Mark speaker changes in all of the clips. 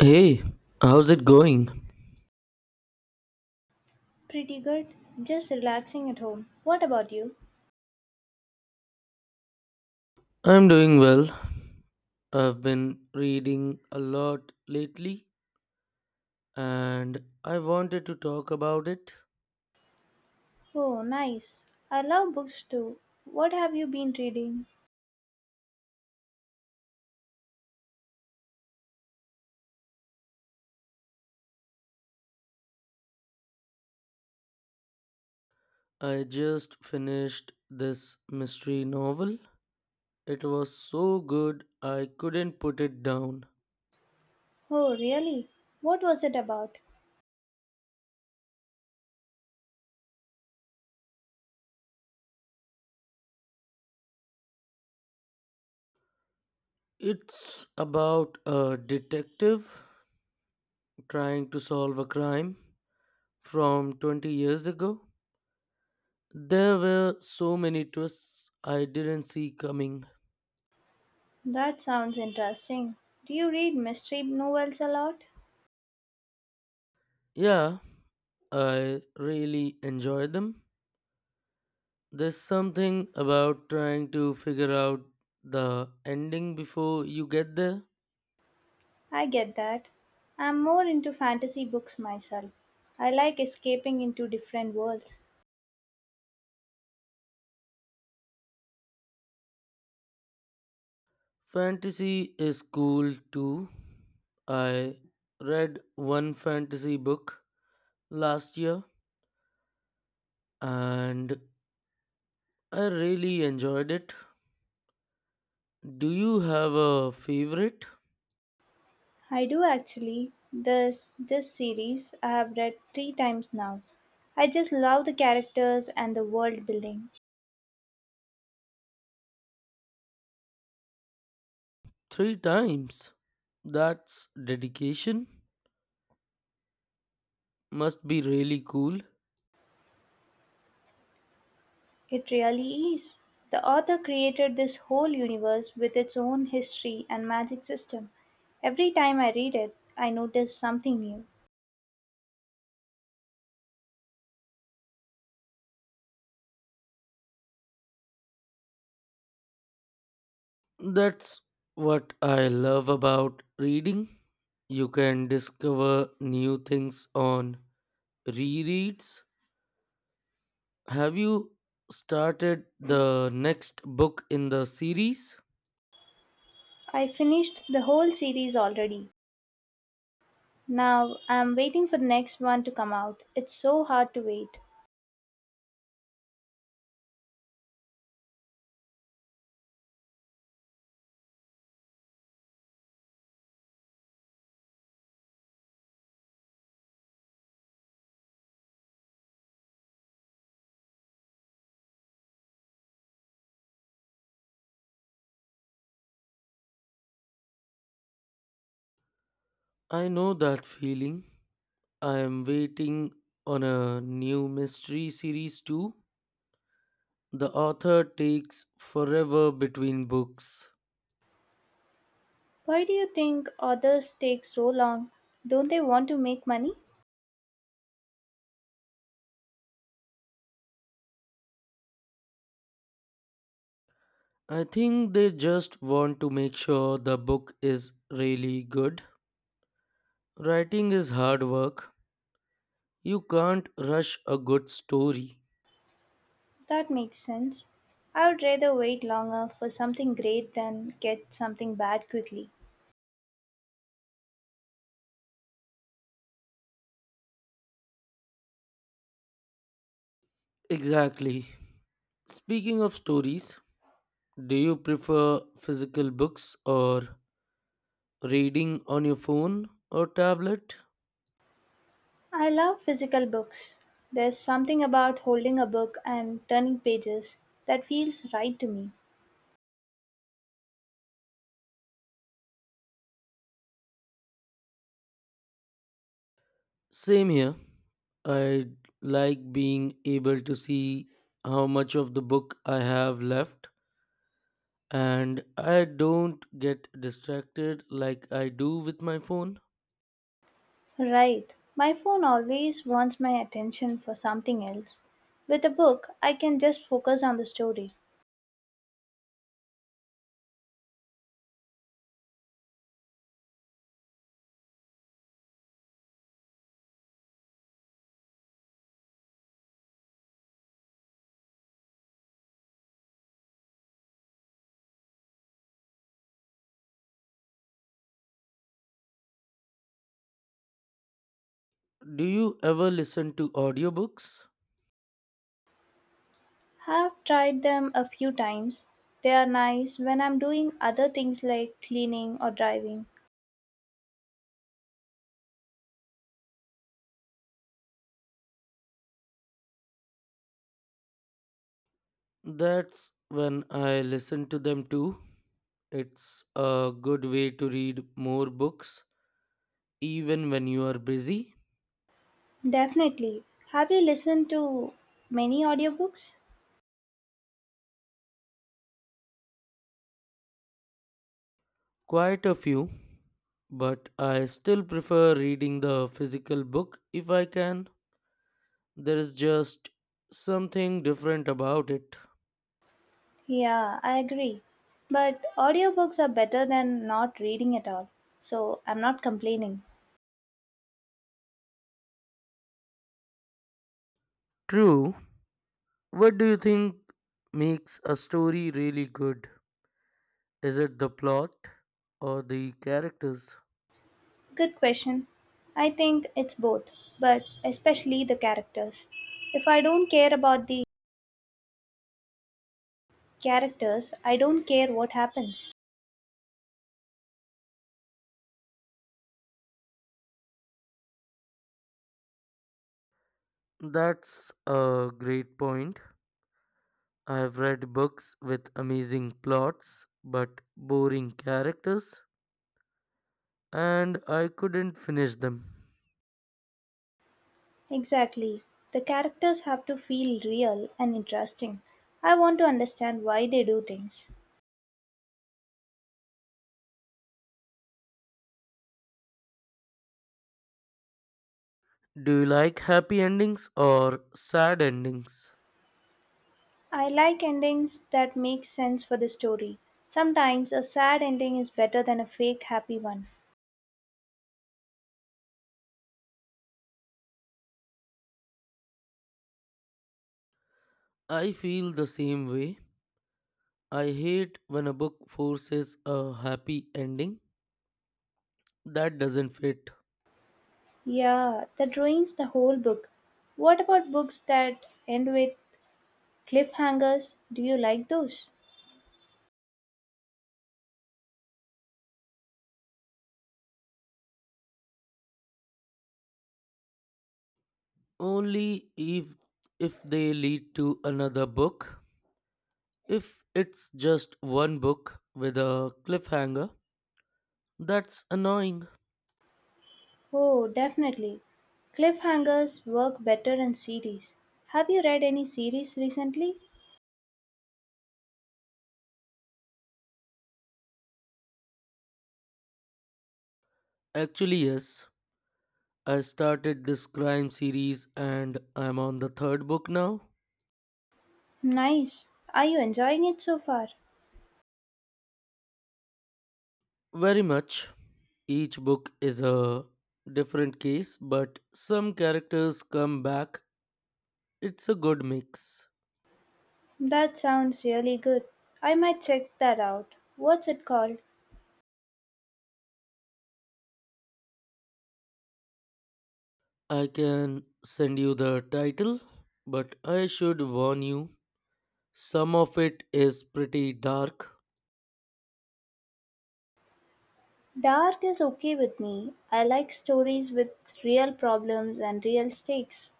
Speaker 1: Hey, how's it going?
Speaker 2: Pretty good. Just relaxing at home. What about you?
Speaker 1: I'm doing well. I've been reading a lot lately and I wanted to talk about it.
Speaker 2: Oh, nice. I love books too. What have you been reading?
Speaker 1: I just finished this mystery novel. It was so good I couldn't put it down.
Speaker 2: Oh, really? What was it about?
Speaker 1: It's about a detective trying to solve a crime from 20 years ago. There were so many twists I didn't see coming.
Speaker 2: That sounds interesting. Do you read mystery novels a lot?
Speaker 1: Yeah, I really enjoy them. There's something about trying to figure out the ending before you get there.
Speaker 2: I get that. I'm more into fantasy books myself. I like escaping into different worlds.
Speaker 1: Fantasy is cool too. I read one fantasy book last year and I really enjoyed it. Do you have a favorite?
Speaker 2: I do actually. This series I have read 3 times now. I just love the characters and the world building.
Speaker 1: Three times. That's dedication. Must be really cool.
Speaker 2: It really is. The author created this whole universe with its own history and magic system. Every time I read it, I notice something new.
Speaker 1: That's what I love about reading. You can discover new things on rereads. Have you started the next book in the series?
Speaker 2: I finished the whole series already. Now I'm waiting for the next one to come out. It's so hard to wait.
Speaker 1: I know that feeling. I am waiting on a new mystery series too. The author takes forever between books.
Speaker 2: Why do you think authors take so long? Don't they want to make money?
Speaker 1: I think they just want to make sure the book is really good. Writing is hard work. You can't rush a good story.
Speaker 2: That makes sense. I would rather wait longer for something great than get something bad quickly.
Speaker 1: Exactly. Speaking of stories, do you prefer physical books or reading on your phone or tablet?
Speaker 2: I love physical books. There's something about holding a book and turning pages that feels right to me.
Speaker 1: Same here. I like being able to see how much of the book I have left and I don't get distracted like I do with my phone.
Speaker 2: Right. My phone always wants my attention for something else. With a book, I can just focus on the story.
Speaker 1: Do you ever listen to audiobooks?
Speaker 2: Have tried them a few times. They are nice when I'm doing other things like cleaning or driving.
Speaker 1: That's when I listen to them too. It's a good way to read more books, even when you are busy.
Speaker 2: Definitely. Have you listened to many audiobooks?
Speaker 1: Quite a few, but I still prefer reading the physical book if I can. There is just something different about it.
Speaker 2: Yeah, I agree. But audiobooks are better than not reading at all. So I'm not complaining.
Speaker 1: True. What do you think makes a story really good? Is it the plot or the characters?
Speaker 2: Good question. I think it's both, but especially the characters. If I don't care about the characters, I don't care what happens.
Speaker 1: That's a great point. I've read books with amazing plots but boring characters, and I couldn't finish them.
Speaker 2: Exactly. The characters have to feel real and interesting. I want to understand why they do things.
Speaker 1: Do you like happy endings or sad endings?
Speaker 2: I like endings that make sense for the story. Sometimes a sad ending is better than a fake happy one.
Speaker 1: I feel the same way. I hate when a book forces a happy ending that doesn't fit.
Speaker 2: Yeah, that ruins the whole book. What about books that end with cliffhangers? Do you like those?
Speaker 1: Only if they lead to another book. If it's just one book with a cliffhanger, that's annoying.
Speaker 2: Oh, definitely. Cliffhangers work better in series. Have you read any series recently?
Speaker 1: Actually, yes. I started this crime series and I'm on the third book now.
Speaker 2: Nice. Are you enjoying it so far?
Speaker 1: Very much. Each book is a different case, but some characters come back. It's a good mix.
Speaker 2: That sounds really good. I might check that out. What's it called?
Speaker 1: I can send you the title, but I should warn you some of it is pretty dark.
Speaker 2: Dark is okay with me. I like stories with real problems and real stakes.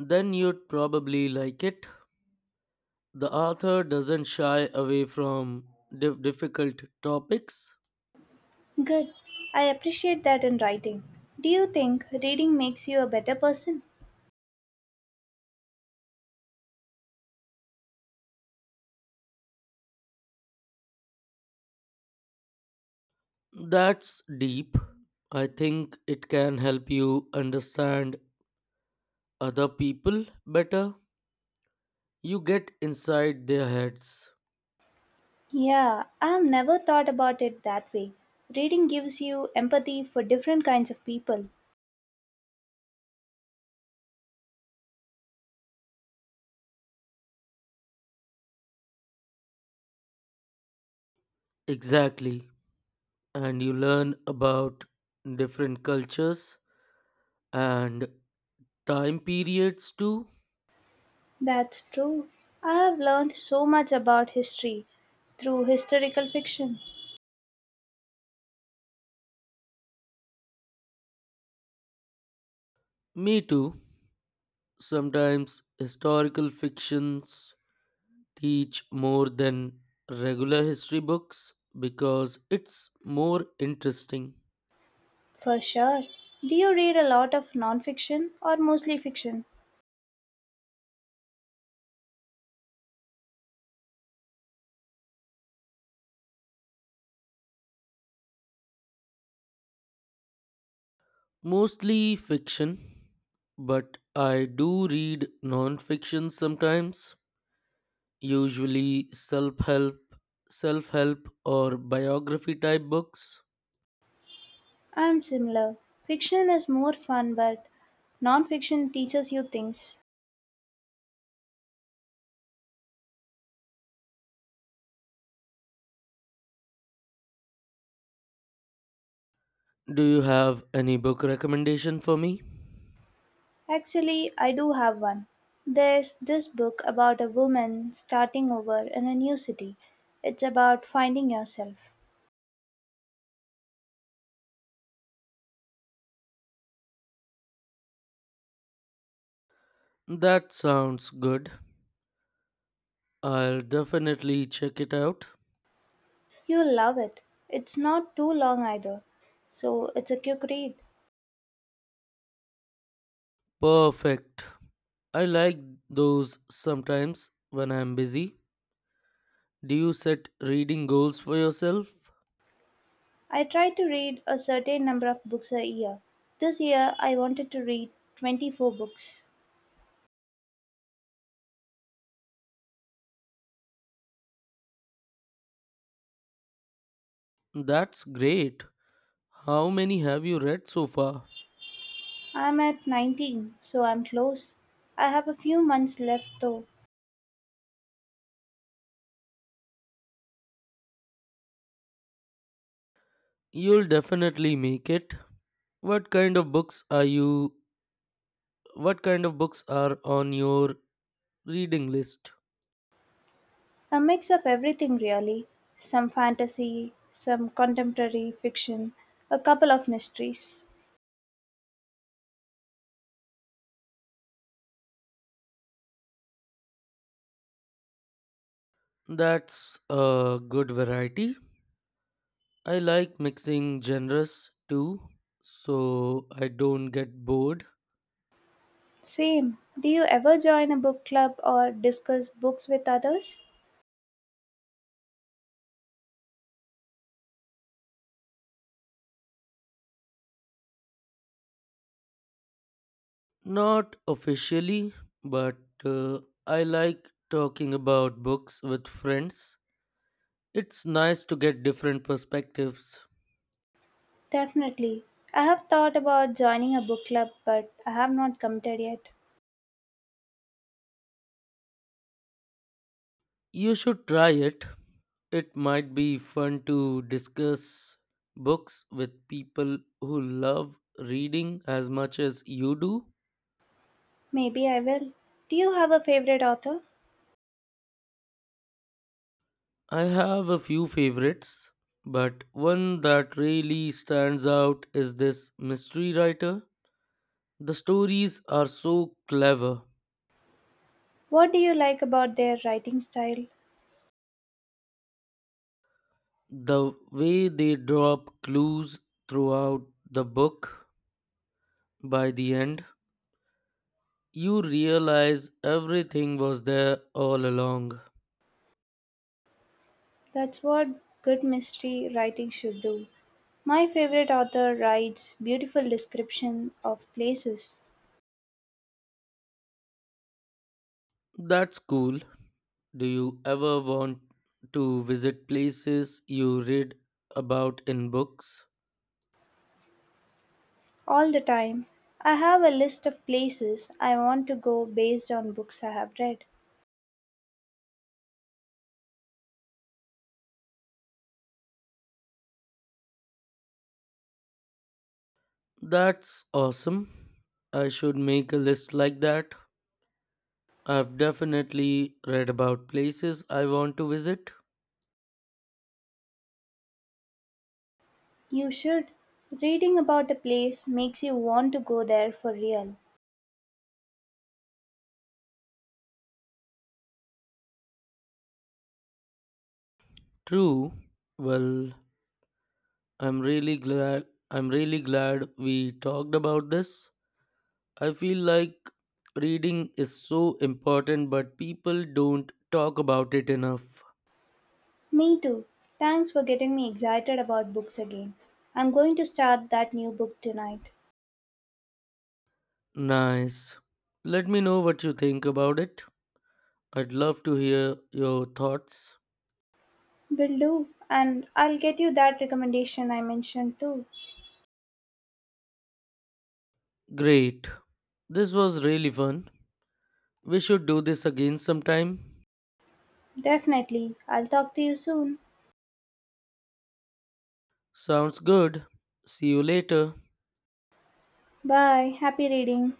Speaker 1: Then you'd probably like it. The author doesn't shy away from difficult topics.
Speaker 2: Good. I appreciate that in writing. Do you think reading makes you a better person?
Speaker 1: That's deep. I think it can help you understand other people better. You get inside their heads.
Speaker 2: Yeah, I have never thought about it that way. Reading gives you empathy for different kinds of people.
Speaker 1: Exactly. And you learn about different cultures and time periods too.
Speaker 2: That's true. I have learned so much about history through historical fiction.
Speaker 1: Me too. Sometimes historical fictions teach more than regular history books because it's more interesting.
Speaker 2: For sure. Do you read a lot of non-fiction or mostly fiction?
Speaker 1: Mostly fiction, but I do read non fiction sometimes. Usually self help, or biography type books.
Speaker 2: I'm similar. Fiction is more fun, but non-fiction teaches you things.
Speaker 1: Do you have any book recommendation for me?
Speaker 2: Actually, I do have one. There's this book about a woman starting over in a new city. It's about finding yourself.
Speaker 1: That sounds good. I'll definitely check it out.
Speaker 2: You'll love it. It's not too long either, so it's a quick read.
Speaker 1: Perfect. I like those sometimes when I'm busy. Do you set reading goals for yourself?
Speaker 2: I try to read a certain number of books a year. This year, I wanted to read 24 books.
Speaker 1: That's great. How many have you read so far?
Speaker 2: I'm at 19, so I'm close. I have a few months left though.
Speaker 1: You'll definitely make it. What kind of books are you What kind of books are on your reading list?
Speaker 2: A mix of everything, really some fantasy, some contemporary fiction, a couple of mysteries.
Speaker 1: That's a good variety. I like mixing genres too, so I don't get bored.
Speaker 2: Same. Do you ever join a book club or discuss books with others?
Speaker 1: Not officially, but uh, I like talking about books with friends. It's nice to get different perspectives.
Speaker 2: Definitely. I have thought about joining a book club, but I have not committed yet.
Speaker 1: You should try it. It might be fun to discuss books with people who love reading as much as you do.
Speaker 2: Maybe I will. Do you have a favorite author?
Speaker 1: I have a few favorites, but one that really stands out is this mystery writer. The stories are so clever.
Speaker 2: What do you like about their writing style?
Speaker 1: The way they drop clues throughout the book, by the end, you realize everything was there all along.
Speaker 2: That's what good mystery writing should do. My favorite author writes beautiful description of places.
Speaker 1: That's cool. Do you ever want to visit places you read about in books?
Speaker 2: All the time. I have a list of places I want to go based on books I have read.
Speaker 1: That's awesome. I should make a list like that. I've definitely read about places I want to visit.
Speaker 2: You should. Reading about a place makes you want to go there for real.
Speaker 1: True. Well, I'm really glad we talked about this. I feel like reading is so important but people don't talk about it enough.
Speaker 2: Me too. Thanks for getting me excited about books again. I'm going to start that new book tonight.
Speaker 1: Nice. Let me know what you think about it. I'd love to hear your thoughts.
Speaker 2: Will do. And I'll get you that recommendation I mentioned too.
Speaker 1: Great. This was really fun. We should do this again sometime.
Speaker 2: Definitely. I'll talk to you soon.
Speaker 1: Sounds good. See you later.
Speaker 2: Bye. Happy reading.